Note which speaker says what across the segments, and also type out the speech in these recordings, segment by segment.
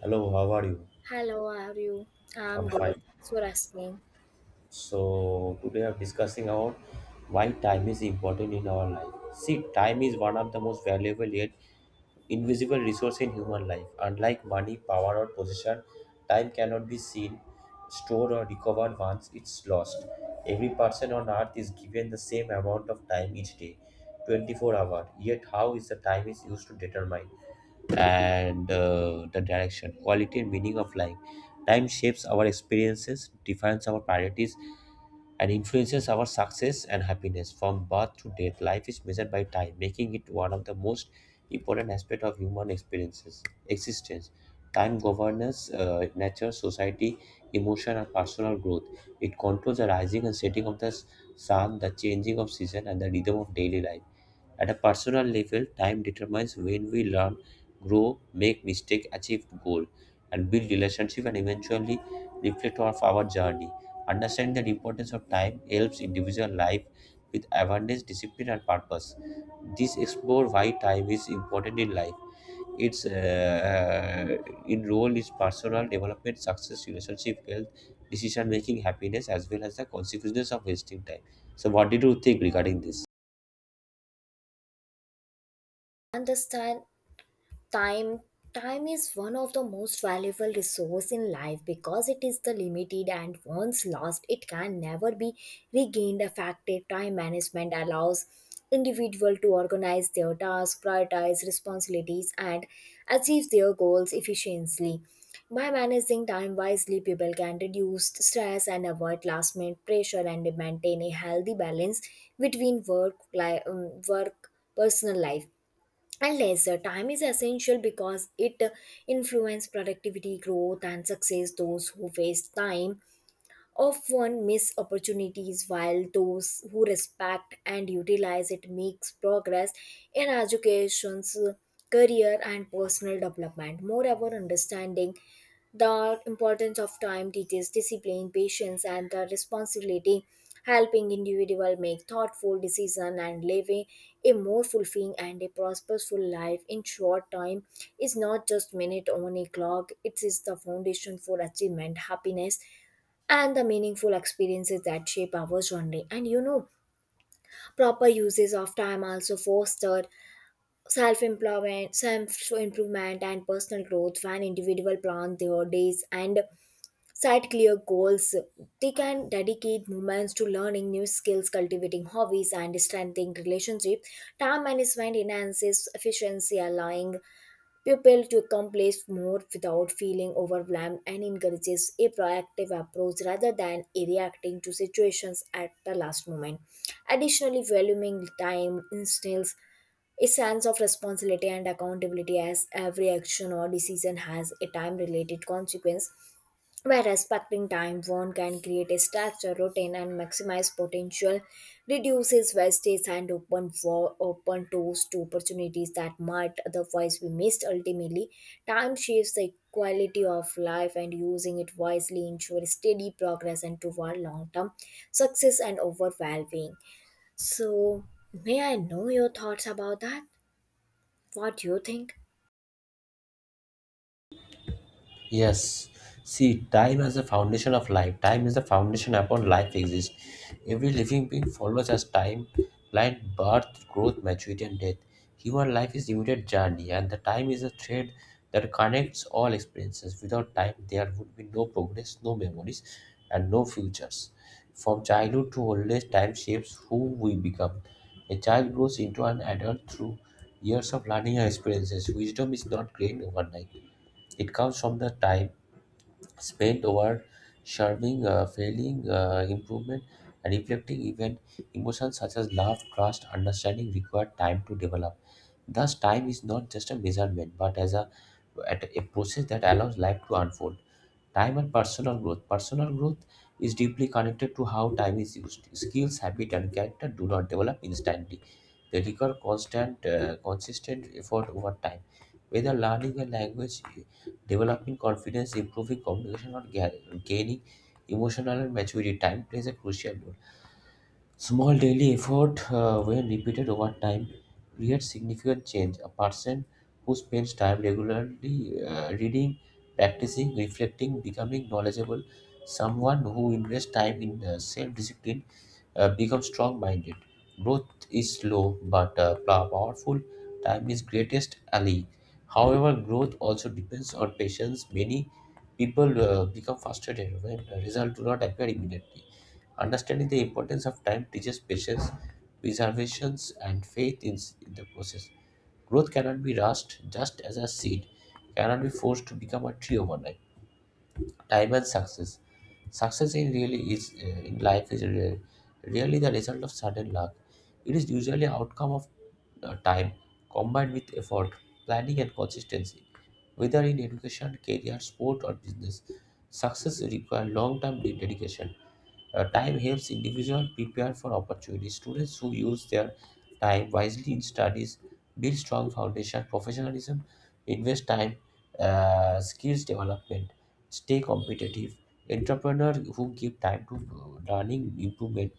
Speaker 1: Hello, how are you?
Speaker 2: Hello, how are you? I'm
Speaker 1: I'm
Speaker 2: good.
Speaker 1: fine.
Speaker 2: Thanks for asking.
Speaker 1: So today I'm discussing about why time is important in our life. See, time is one of the most valuable yet invisible resource in human life. Unlike money, power, or position, time cannot be seen, stored, or recovered once it's lost. Every person on earth is given the same amount of time each day, 24 hours. Yet, how is the time is used to determine and the direction, quality and meaning of life. Time shapes our experiences, defines our priorities, and influences our success and happiness. From birth to death, life is measured by time, making it one of the most important aspects of human experiences existence. Time governs nature, society, emotion, and personal growth. It controls the rising and setting of the sun, the changing of season, and the rhythm of daily life. At a personal level, time determines when we learn, grow, make mistake, achieve goal, and build relationship and eventually reflect of our journey. Understanding the importance of time helps individual life with awareness, discipline, and purpose. This explore why time is important in life. Its in role is personal development, success, relationship, health, decision making, happiness, as well as the consequences of wasting time. So, what did you think regarding this?
Speaker 2: Understand, time time is one of the most valuable resource in life because it is the limited and once lost it can never be regained effective time management allows individual to organize their tasks prioritize responsibilities and achieve their goals efficiently by managing time wisely people can reduce stress and avoid last minute pressure and maintain a healthy balance between work personal life and lesser time is essential because it influences productivity growth and success those who waste time often miss opportunities while those who respect and utilize it makes progress in education career and personal development moreover understanding the importance of time teaches discipline patience and the responsibility helping individual make thoughtful decision and living a more fulfilling and a prosperous life in short time is not just minute on a clock it is the foundation for achievement happiness and the meaningful experiences that shape our journey. And you know, proper uses of time also foster self-employment, self-improvement, and personal growth when individual plan their days and set clear goals. They can dedicate moments to learning new skills, cultivating hobbies, and strengthening relationships. Time management enhances efficiency, allowing people to accomplish more without feeling overwhelmed and encourages a proactive approach rather than reacting to situations at the last moment. Additionally, valuing time instills a sense of responsibility and accountability as every action or decision has a time related consequence where respecting time one can create a structured routine and maximize potential reduces wastage and open for open doors to opportunities that might otherwise be missed ultimately time shapes the quality of life and using it wisely ensures steady progress and toward long-term success and overall well-being. So, may I know your thoughts about that? What do you think?
Speaker 1: Yes. See, time as the foundation of life. Time is the foundation upon life exists. Every living being follows as time, life, birth, growth, maturity, and death. Human life is immediate journey, and the time is a thread that connects all experiences. Without time, there would be no progress, no memories, and no futures. From childhood to old age, time shapes who we become. A child grows into an adult through years of learning and experiences. Wisdom is not gained overnight. It comes from the time spent over serving, failing, improvement, and reflecting even emotions such as love, trust, understanding require time to develop. Thus, time is not just a measurement but at a process that allows life to unfold. Time and personal growth. Personal growth is deeply connected to how time is used. Skills, habit, and character do not develop instantly. They require consistent effort over time. Whether learning a language, developing confidence, improving communication, or gaining emotional and maturity, time plays a crucial role. Small daily effort, when repeated over time, creates significant change. A person who spends time regularly reading, practicing, reflecting, becoming knowledgeable, someone who invests time in self discipline become strong minded. Growth is slow but powerful. Time is greatest ally. However, growth also depends on patience. Many people become frustrated when results do not appear immediately. Understanding the importance of time teaches patience, preservations, and faith in the process. Growth cannot be rushed, just as a seed cannot be forced to become a tree overnight. Time and success. Success in really is in life is really the result of sudden luck. It is usually outcome of time combined with effort, planning, and consistency. Whether in education, career, sport, or business, success requires long-term dedication. Time helps individuals prepare for opportunities. Students who use their time wisely in studies build strong foundation, professionalism, invest time, skills development, stay competitive. Entrepreneurs who give time to learning improvement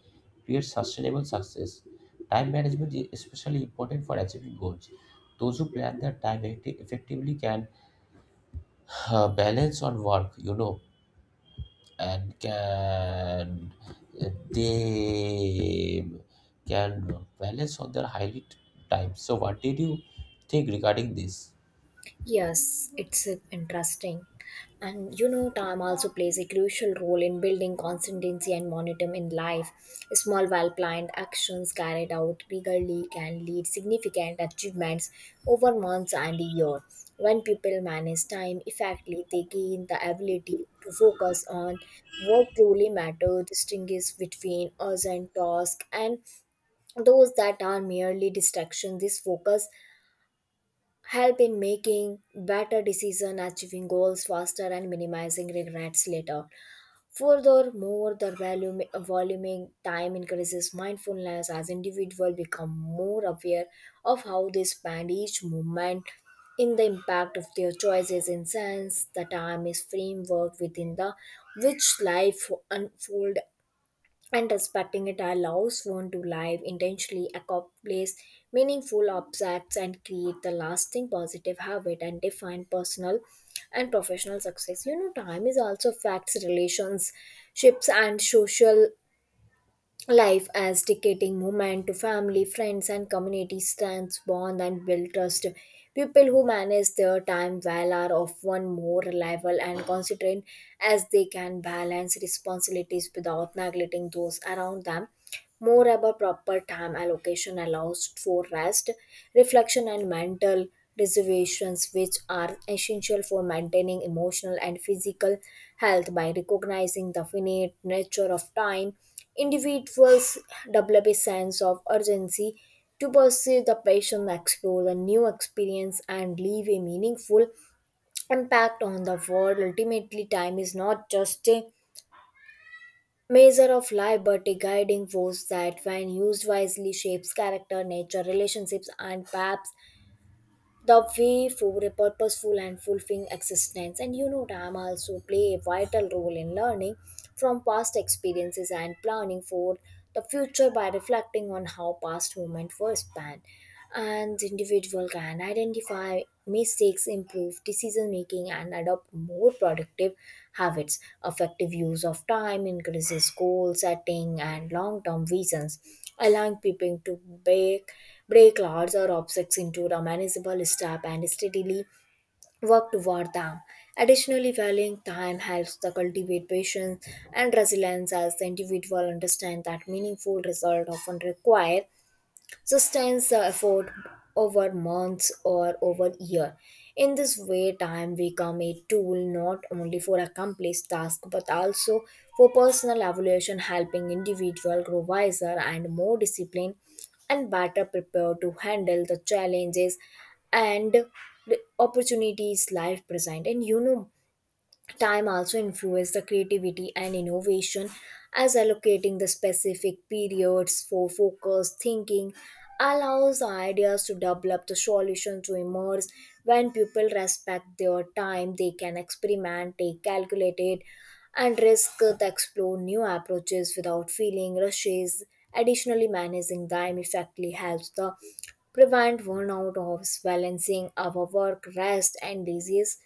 Speaker 1: create sustainable success. Time management is especially important for achieving goals. Those who plan their time effectively can balance on work, you know, and they can balance on their highlight time. So what did you think regarding this?
Speaker 2: Yes, it's interesting. And you know, time also plays a crucial role in building consistency and momentum in life. Small, well planned actions carried out regularly can lead significant achievements over months and a year. When people manage time effectively, they gain the ability to focus on what truly matters, distinguish between urgent tasks and those that are merely distractions. This focus help in making better decisions, achieving goals faster and minimizing regrets later. Furthermore, the voluming time increases mindfulness as individuals become more aware of how they spend each moment in the impact of their choices. In sense, the time is framework within the which life unfold, and respecting it allows one to live intentionally, accomplish meaningful objects, and create the lasting positive habit and define personal and professional success. You know, time is also affects relationships and social life as dedicating movement to family, friends, and community stands bond and build trust. People who manage their time well are often more reliable and considerate as they can balance responsibilities without neglecting those around them. More about proper time allocation allows for rest, reflection, and mental reservations, which are essential for maintaining emotional and physical health. By recognizing the finite nature of time, individuals develop a sense of urgency to pursue the passion, explore the new experience, and leave a meaningful impact on the world. Ultimately, time is not just a measure of liberty guiding force that, when used wisely, shapes character, nature, relationships, and perhaps the way for a purposeful and fulfilling existence. And you know, time also play a vital role in learning from past experiences and planning for the future by reflecting on how past moments were spent, and the individual can identify mistakes, improve decision making and adopt more productive habits. Effective use of time increases goal setting and long term visions allowing people to break large or objects into a manageable step and steadily work toward them. Additionally, valuing time helps to cultivate patience and resilience as the individual understand that meaningful results often require sustains the effort over months or over year. In this way, time become a tool not only for accomplished tasks but also for personal evaluation, helping individual grow wiser and more disciplined and better prepared to handle the challenges and the opportunities life present. And you know, time also influences the creativity and innovation as allocating the specific periods for focused thinking allows the ideas to develop the solution to emerge. When people respect their time they can experiment take calculated and risk to explore new approaches without feeling rushes. Additionally, managing time effectively helps the prevent burnout of balancing our work rest and disease.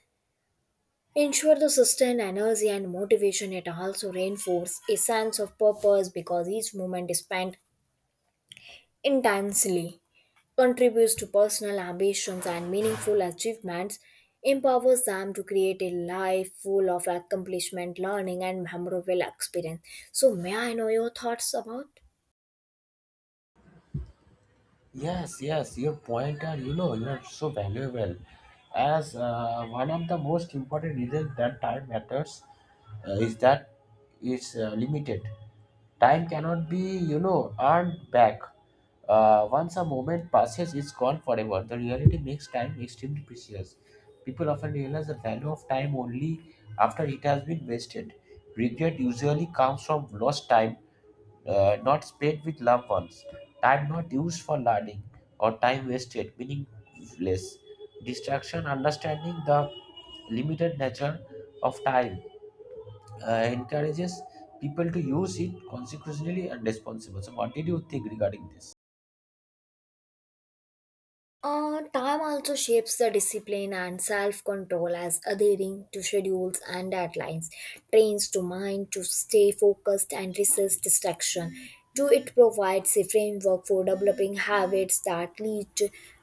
Speaker 2: Ensure the sustained energy and motivation, it also reinforces a sense of purpose because each moment spent intensely contributes to personal ambitions and meaningful achievements, empowers them to create a life full of accomplishment, learning, and memorable experience. So, may I know your thoughts about?
Speaker 1: Yes, yes, your point are, you know, you are so valuable. As one of the most important reasons that time matters is that it's limited. Time cannot be, you know, earned back. Once a moment passes, it's gone forever. The reality makes time extremely precious. People often realize the value of time only after it has been wasted. Regret usually comes from lost time, not spent with loved ones, time not used for learning, or time wasted, meaningless. Distraction, understanding the limited nature of time encourages people to use it consequently and responsibly. So, what did you think regarding this?
Speaker 2: Time also shapes the discipline and self control as adhering to schedules and deadlines trains the mind to stay focused and resist distraction. Do it provides a framework for developing habits that lead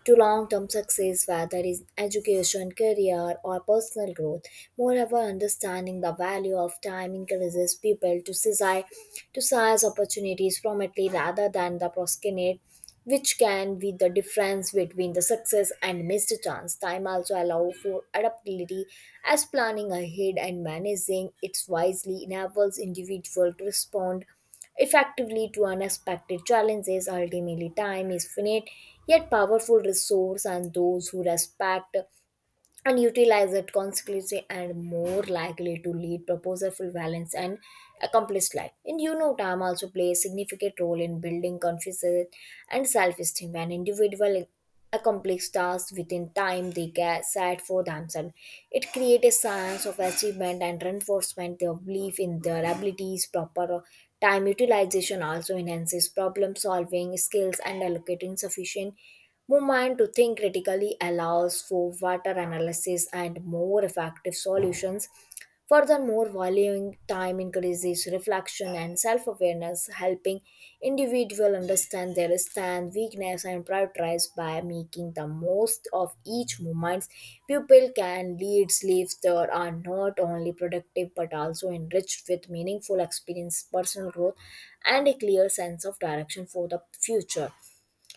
Speaker 2: to long term success, whether in education, career, or personal growth. Moreover, understanding the value of time encourages people to seize opportunities promptly rather than the procrastinate, which can be the difference between the success and missed chance. Time also allows for adaptability as planning ahead and managing it wisely enables individual to respond effectively to unexpected challenges. Ultimately, time is finite yet powerful resource and those who respect and utilize it consequently and more likely to lead proposalful balance and accomplished life. And you know, time also plays a significant role in building confidence and self-esteem. When individual accomplish tasks within time they get set for themselves, it creates a sense of achievement and reinforcement their belief in their abilities. Proper time utilization also enhances problem solving skills and allocating sufficient movement to think critically allows for better analysis and more effective solutions. Furthermore, valuing time increases reflection and self awareness, helping individual understand their strength, weakness, and prioritize by making the most of each moment. People can lead lives that are not only productive but also enriched with meaningful experience, personal growth, and a clear sense of direction for the future.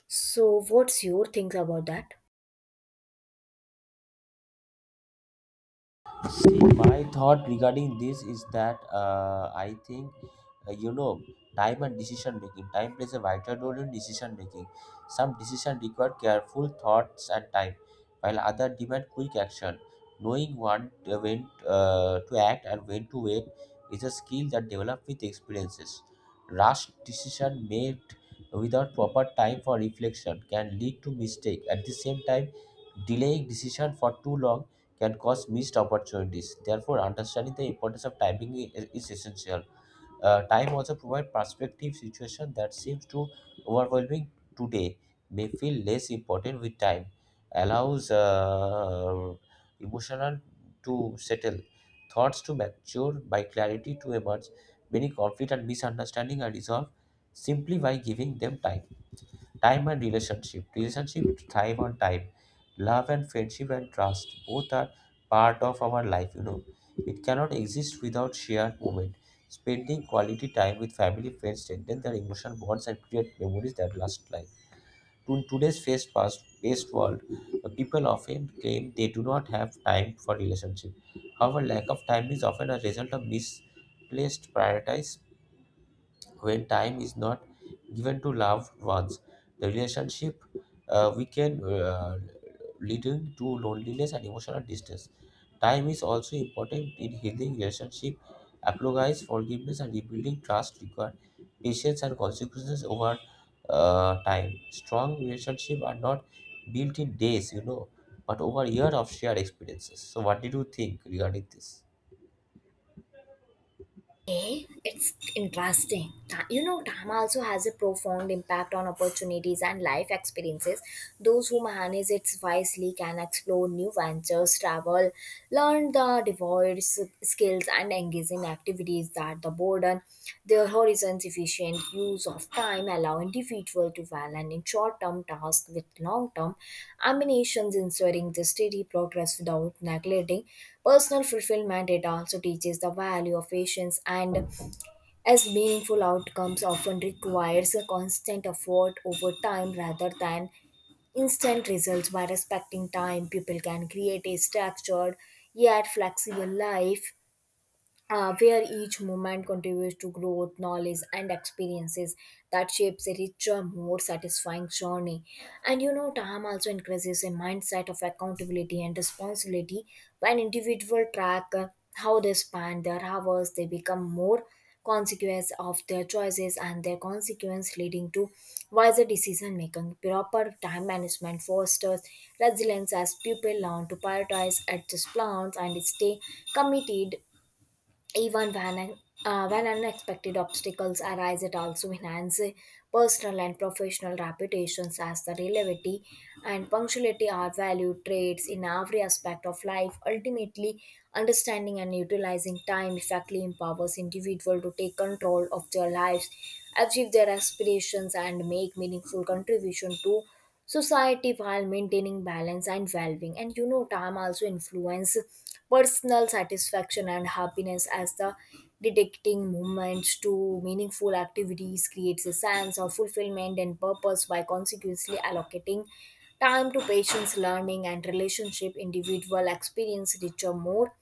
Speaker 2: So, what's your think about that?
Speaker 1: See, my thought regarding this is that I think, you know, time and decision making. Time plays a vital role in decision making. Some decisions require careful thoughts and time, while other demand quick action. Knowing when to act and when to wait is a skill that develops with experiences. Rash decision made without proper time for reflection can lead to mistake. At the same time, delaying decision for too long can cause missed opportunities. Therefore, understanding the importance of timing is essential. Time also provides perspective situation that seems too overwhelming today may feel less important with time. Allows emotional to settle, thoughts to mature by clarity to emerge. Many conflict and misunderstanding are resolved simply by giving them time. Time and relationship. Relationship thrive on time. Love and friendship and trust. Both are part of our life, you know. It cannot exist without shared moment. Spending quality time with family, friends, strengthen their emotional bonds and create memories that last life. In today's fast-paced world, the people often claim they do not have time for relationship. However, lack of time is often a result of misplaced priorities when time is not given to loved ones the relationship we can leading to loneliness and emotional distance. Time is also important in healing relationship, apologize forgiveness and rebuilding trust require patience and consequences over time. Strong relationships are not built in days, you know, but over years of shared experiences. So what did you think regarding this?
Speaker 2: Okay, it's interesting. You know, Dharma also has a profound impact on opportunities and life experiences. Those who harness it wisely can explore new ventures, travel, learn the diverse skills, and engage in activities that the boredom, their horizons, efficient use of time allow individual to balance in short-term tasks with long-term ambitions, ensuring the steady progress without neglecting personal fulfillment. It also teaches the value of patience and as meaningful outcomes often requires a constant effort over time rather than instant results by respecting time people can create a structured yet flexible life where each moment contributes to growth, knowledge, and experiences that shapes a richer, more satisfying journey. And you know, time also increases a mindset of accountability and responsibility when individuals track how they spend their hours, they become more consequence of their choices and their consequence leading to wiser decision making. Proper time management fosters resilience as people learn to prioritize adjust plans and stay committed even when unexpected obstacles arise. It also enhances personal and professional reputations as the reliability and punctuality are valued traits in every aspect of life. Ultimately, understanding and utilizing time effectively empowers individuals to take control of their lives, achieve their aspirations, and make meaningful contribution to society while maintaining balance and well-being. And you know, time also influence personal satisfaction and happiness as the dedicating moments to meaningful activities creates a sense of fulfillment and purpose. By consequently allocating time to patients learning and relationship individual experience richer more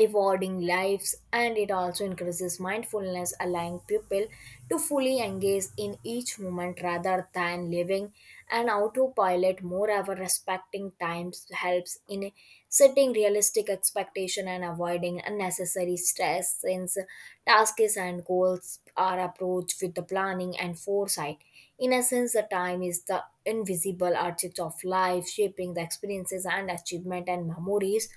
Speaker 2: rewarding lives, and it also increases mindfulness allowing people to fully engage in each moment rather than living an autopilot. Moreover, respecting times helps in setting realistic expectation and avoiding unnecessary stress since tasks and goals are approached with the planning and foresight. In essence, the time is the invisible architect of life shaping the experiences and achievement and memories,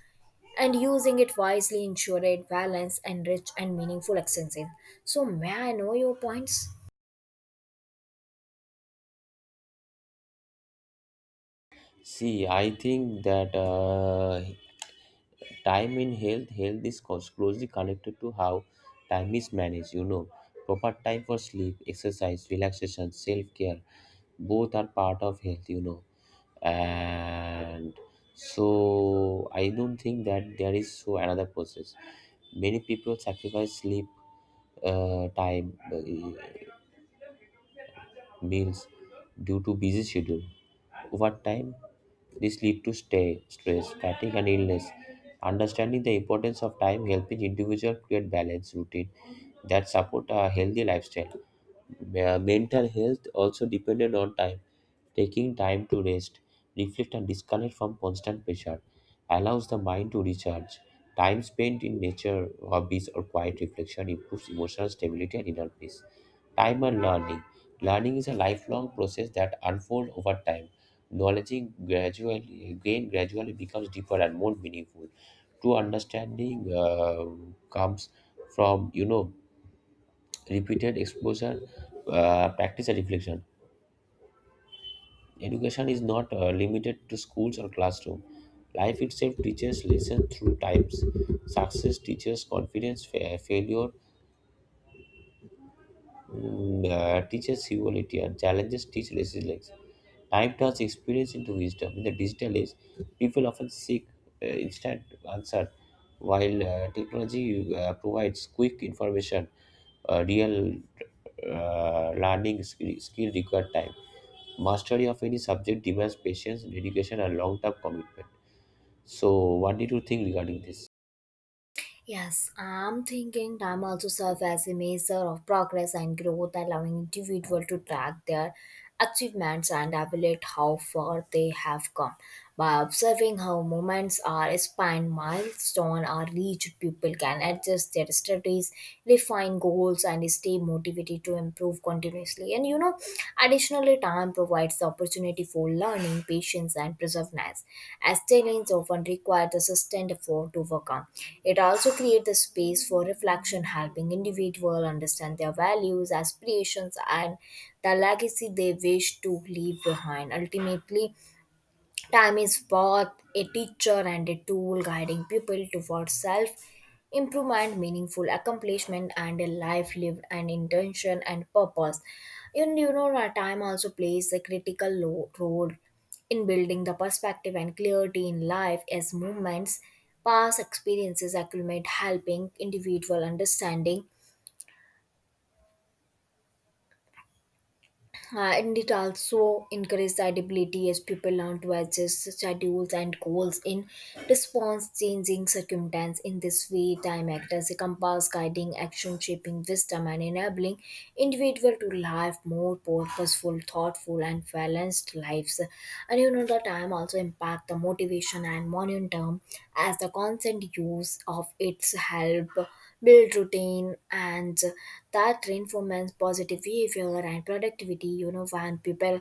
Speaker 2: and using it wisely ensure a balanced and rich and meaningful exercise. So, may I know your points?
Speaker 1: See, I think that time in health is closely connected to how time is managed, you know. Proper time for sleep exercise relaxation self-care, both are part of health, you know, and so I don't think that there is so another process. Many people sacrifice sleep time, meals due to busy schedule over time. This leads to stay, stress, fatigue, and illness. Understanding the importance of time helping individuals create balanced routine that support a healthy lifestyle. Mental health also dependent on time. Taking time to rest, reflect, and disconnect from constant pressure allows the mind to recharge. Time spent in nature, hobbies, or quiet reflection improves emotional stability and inner peace. Time and learning. Learning is a lifelong process that unfolds over time. Knowledge gradually becomes deeper and more meaningful. True understanding comes from, you know, repeated exposure, practice, and reflection. Education is not limited to schools or classroom. Life itself teaches lessons through times. Success teaches confidence. Failure teaches humility, and challenges teach resilience. Time turns experience into wisdom. In the digital age, people often seek instant answer, while technology provides quick information. Real learning skill required time. Mastery of any subject demands patience, dedication, and long-term commitment. So, what did you think regarding this?
Speaker 2: Yes, I'm thinking time also serves as a measure of progress and growth, allowing individual to track their achievements and evaluate how far they have come. By observing how moments are spent, milestones are reached, people can adjust their strategies, refine goals, and stay motivated to improve continuously. And you know, additionally, time provides the opportunity for learning, patience, and perseverance, as talents often require the sustained effort to overcome. It also creates the space for reflection, helping individuals understand their values, aspirations, and the legacy they wish to leave behind. Ultimately, time is both a teacher and a tool guiding people towards self improvement, meaningful accomplishment, and a life lived and intention and purpose. And you know, our time also plays a critical role in building the perspective and clarity in life as movements, past experiences accumulate, helping individual understanding. And it also encourages adaptability as people learn to adjust schedules and goals in response changing circumstances. In this way, time acts as a compass guiding action, shaping wisdom, and enabling individual to live more purposeful, thoughtful, and balanced lives. And you know, the time also impact the motivation and momentum as the constant use of its help build routine and that reinforces positive behavior and productivity. You know, when people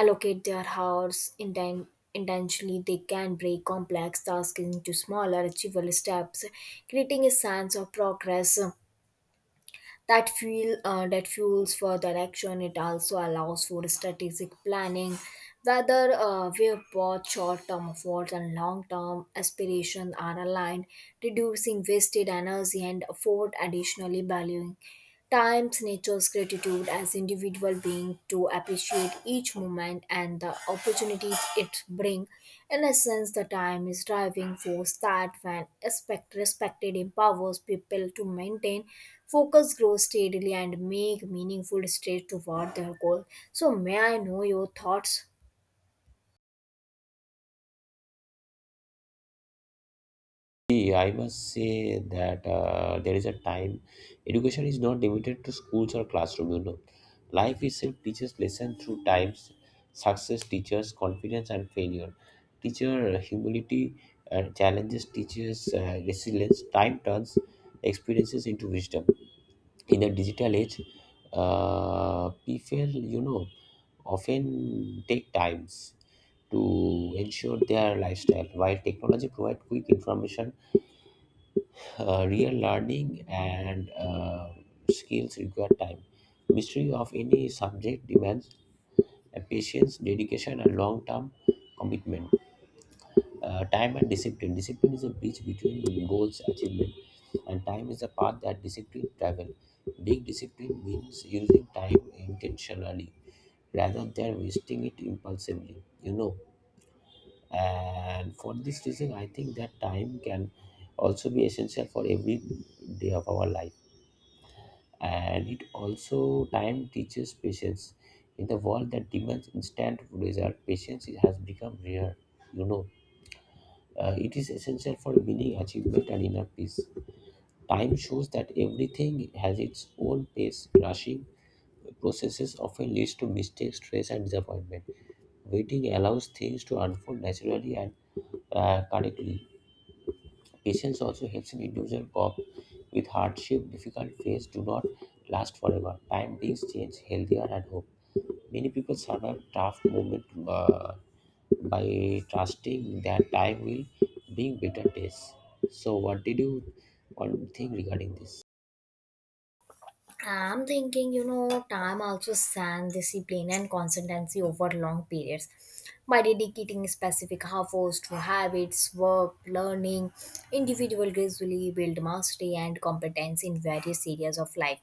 Speaker 2: allocate their hours intentionally, they can break complex tasks into smaller achievable steps, creating a sense of progress that fuels for direction. It also allows for strategic planning whether where both short-term efforts and long-term aspirations are aligned, reducing wasted energy and effort. Additionally, valuing times nature's gratitude as individual being to appreciate each moment and the opportunities it brings. In essence, the time is driving force that when respected empowers people to maintain focus, grow steadily, and make meaningful strides toward their goal. So may I know your thoughts?
Speaker 1: See, I must say that there is a time education is not limited to schools or classroom, you know. Life itself teaches lesson through times, success teaches confidence and failure. Teacher humility, challenges teaches resilience. Time turns experiences into wisdom. In the digital age, people, you know, often take times to ensure their lifestyle. While technology provides quick information, real learning and skills require time. Mastery of any subject demands a patience, dedication, and long-term commitment. Time and discipline. Discipline is a bridge between goals achievement, and time is the path that discipline travel. Being disciplined means using time intentionally rather than wasting it impulsively. You know, and for this reason, I think that time can also be essential for every day of our life. And it also time teaches patience in the world that demands instant result. Patience has become rare, you know. It is essential for meaning achievement and inner peace. Time shows that everything has its own pace. Rushing processes often leads to mistakes, stress and disappointment. Waiting allows things to unfold naturally and correctly. Patience also helps an individual cope with hardship. Difficult phases do not last forever. Time brings change, healthier, and hope. Many people survive tough moments uh, by trusting that time will bring better days. So, what did you all think regarding this?
Speaker 2: I'm thinking, you know, time also stands discipline and consistency over long periods. By dedicating specific hours to habits, work, learning, individual gradually build mastery and competence in various areas of life.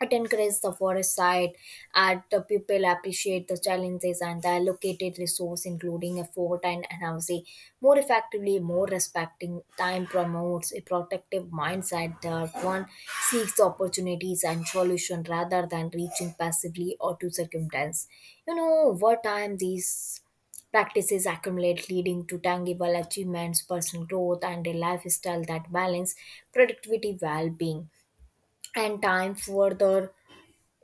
Speaker 2: It encourages the forest side, and the people appreciate the challenges and the allocated resource including effort and energy more effectively. More respecting time promotes a protective mindset that one seeks opportunities and solution rather than reaching passively or to circumstance. You know, over time these practices accumulate, leading to tangible achievements, personal growth, and a lifestyle that balance productivity, well-being. And time further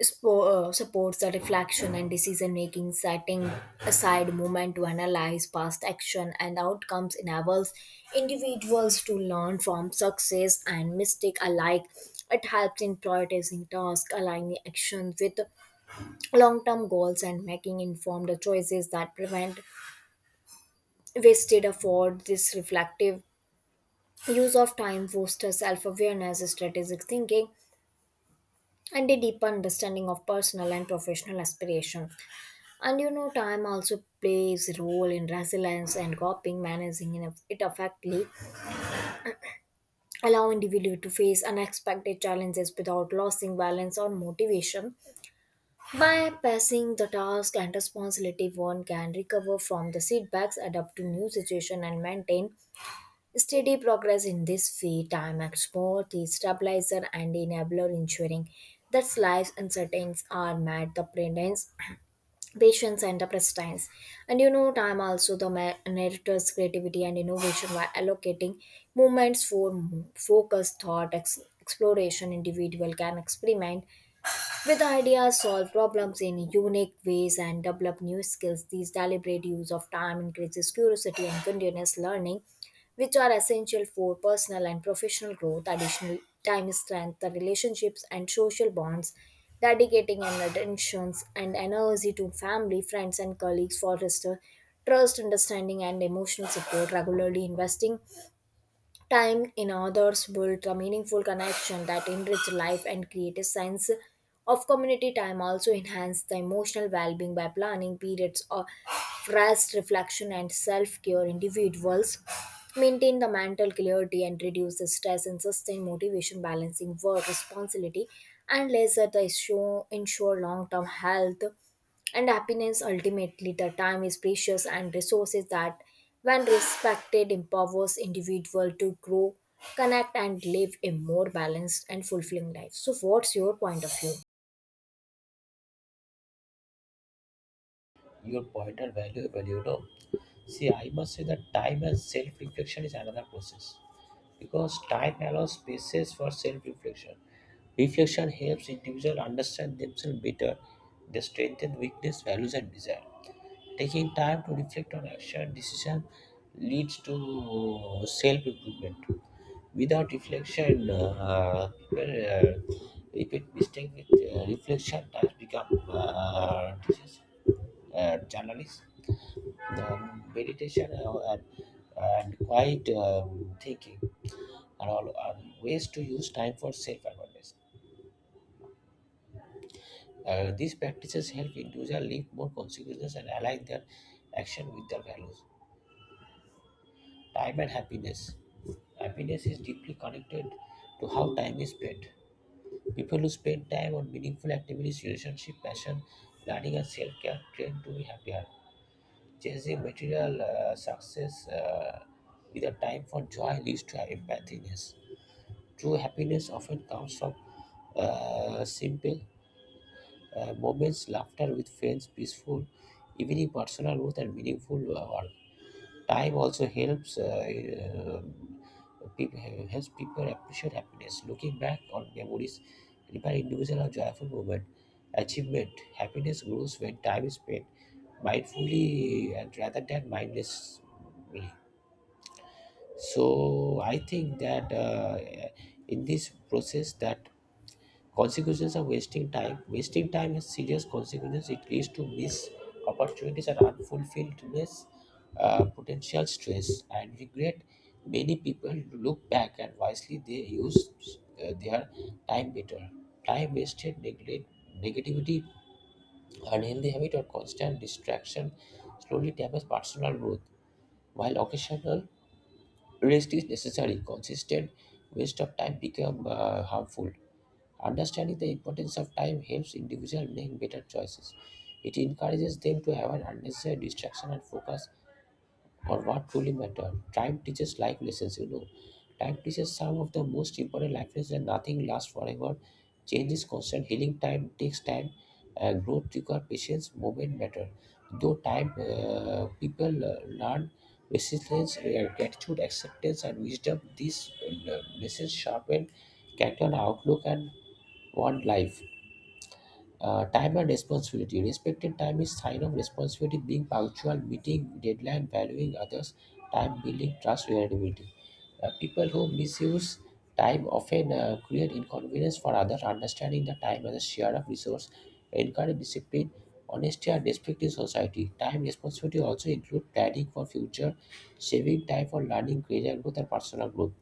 Speaker 2: supports the reflection and decision making, setting aside moment to analyze past action and outcomes enables individuals to learn from success and mistake alike. It helps in prioritizing tasks, aligning actions with long-term goals, and making informed choices that prevent wasted effort. This reflective use of time fosters self-awareness, strategic thinking, and a deeper understanding of personal and professional aspirations. And you know, time also plays a role in resilience and coping, managing it effectively, allow individual to face unexpected challenges without losing balance or motivation. By passing the task and responsibility, one can recover from the setbacks, adapt to new situation, and maintain steady progress in this way. Time acts both the stabilizer and enabler, ensuring that life's uncertainties are met the presence, patience, and the persistence. And you know, time also the narrator's creativity and innovation by allocating moments for focus thought exploration, individual can experiment with ideas, solve problems in unique ways, and develop new skills. These deliberate use of time increases curiosity and continuous learning, which are essential for personal and professional growth. Additional time strengthens the relationships and social bonds. Dedicating and attentions and energy to family, friends, and colleagues fosters trust, understanding, and emotional support. Regularly investing time in others builds a meaningful connection that enrich life and create a sense of community. Time also enhance the emotional well-being by planning periods of rest, reflection, and self-care. Individuals maintain the mental clarity and reduce the stress and sustain motivation, balancing work responsibility and leisure the issue ensure long-term health and happiness. Ultimately, the time is precious and resources that when respected, empowers individual to grow, connect, and live a more balanced and fulfilling life. So, what's your point of view?
Speaker 1: Your point are valuable, you know. See, I must say that time and self reflection is another process because time allows spaces for self reflection. Reflection helps individuals understand themselves better, their strengths and weakness, values and desire. Taking time to reflect on action decision leads to self-improvement. Without reflection, people repeat mistake with reflection has become disease, journalist. Meditation and quiet thinking are all are ways to use time for self-awareness. These practices help individuals live more consequences and align their action with their values. Time and happiness. Happiness is deeply connected to how time is spent. People who spend time on meaningful activities, relationship, passion, learning, and self-care tend to be happier. Chasing material success with a time for joy leads to empathiness. True happiness often comes from simple moments, laughter with friends, peaceful, evening personal growth and meaningful work. Time also helps people appreciate happiness. Looking back on memories, remember individual or joyful moment, achievement, happiness grows when time is spent mindfully and rather than mindlessly. So I think that in this process that consequences of wasting time. Wasting time has serious consequences. It leads to missed opportunities and unfulfilledness, potential stress, and regret. Many people look back and wisely they use their time better. Time wasted, neglect, negativity, unhealthy habit, or constant distraction slowly damage personal growth. While occasional rest is necessary, consistent waste of time become harmful. Understanding the importance of time helps individuals make better choices. It encourages them to avoid unnecessary distraction and focus on what truly matters. Time teaches life lessons, you know. Time teaches some of the most important life lessons that nothing lasts forever. Change is constant. Healing time takes time. Growth requires patience. Moment matter. Though time, people learn resilience, gratitude, acceptance, and wisdom. These lessons sharpen character and outlook and wildlife. Time and responsibility. Respecting time is sign of responsibility, being punctual, meeting deadline, valuing others, time building trust, reliability. People who misuse time often create inconvenience for others. Understanding the time as a share of resource, encourage discipline, honesty, and respect in society. Time responsibility also include planning for future, saving time for learning, career growth, and personal growth.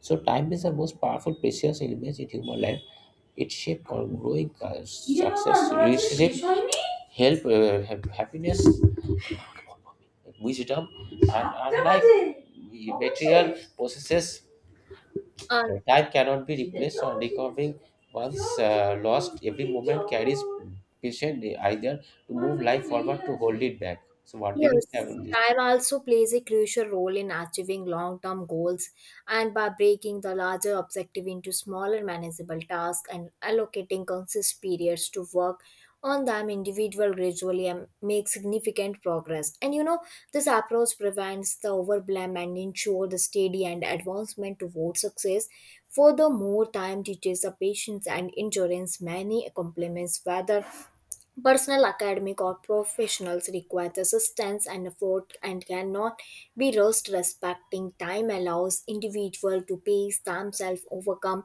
Speaker 1: So time is the most powerful, precious element in human life. It shapes our growing success, relationship, help, happiness, wisdom, and unlike material possesses,
Speaker 2: And
Speaker 1: time cannot be replaced or recovering. Once lost, every moment carries patient either to move life forward to hold it back. So, what did you say
Speaker 2: yes,
Speaker 1: about this?
Speaker 2: time also plays a crucial role in achieving long term goals, and by breaking the larger objective into smaller manageable tasks and allocating consistent periods to work on them, individual gradually and make significant progress. And you know, this approach prevents the overwhelm and ensure the steady and advancement towards success. Furthermore, time teaches the patience and endurance. Many accomplishments, whether personal, academic, or professionals require assistance and effort and cannot be rushed. Respecting time allows individual to pace themselves, overcome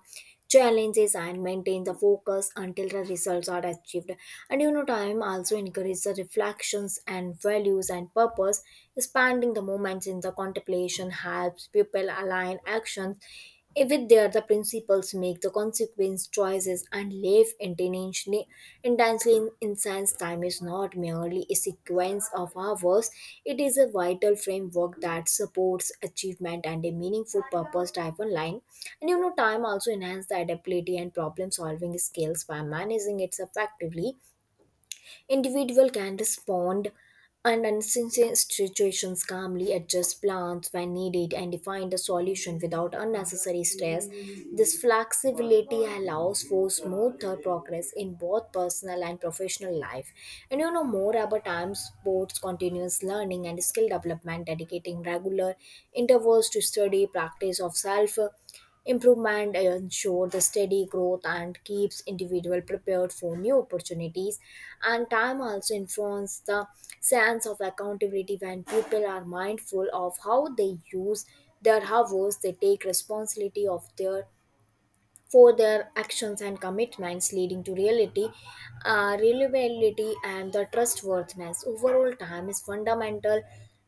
Speaker 2: challenges, and maintain the focus until the results are achieved. And you know, time also encourages the reflections and values and purpose. Spending the moments in the contemplation helps people align actions if it there the principles make the consequence choices and live intentionally, and dancing in science time is not merely a sequence of hours, it is a vital framework that supports achievement and a meaningful purpose driven line. And you know, time also enhances the adaptability and problem solving skills. By managing it effectively, individual can respond and uncertain situations calmly, adjust plans when needed, and find a solution without unnecessary stress. This flexibility allows for smoother progress in both personal and professional life. And you know, more about time sports continuous learning and skill development, dedicating regular intervals to study practice of self improvement. Ensure the steady growth and keeps individual prepared for new opportunities. And time also influences the sense of accountability. When people are mindful of how they use their hours, they take responsibility of their for their actions and commitments, leading to reliability, and the trustworthiness. Overall, time is fundamental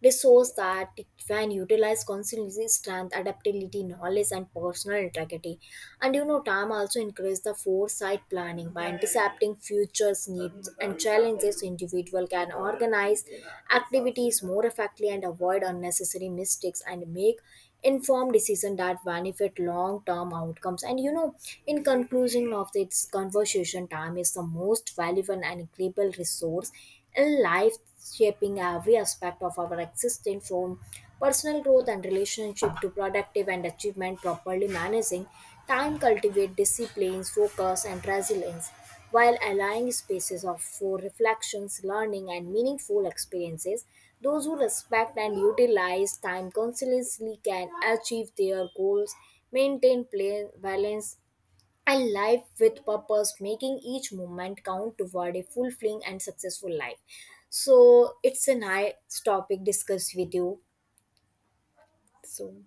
Speaker 2: resource that when utilized constantly strength adaptability, knowledge, and personal integrity. And you know, time also increases the foresight planning by anticipating futures needs and challenges. Individual can organize activities more effectively and avoid unnecessary mistakes and make informed decision that benefit long-term outcomes. And you know, in conclusion of this conversation, time is the most valuable and incredible resource in life, shaping every aspect of our existence, from personal growth and relationship to productive and achievement. Properly managing time cultivate disciplines, focus, and resilience, while allowing spaces of for reflections, learning, and meaningful experiences. Those who respect and utilize time consciously can achieve their goals, maintain play, balance, and life with purpose, making each moment count toward a fulfilling and successful life. So it's a nice topic discussed with you. So,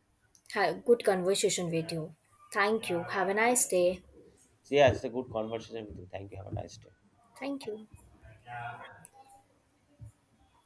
Speaker 2: good conversation with you. Thank you. Have a nice day.
Speaker 1: So, yeah, it's a good conversation with you. Thank you. Have a nice day.
Speaker 2: Thank you.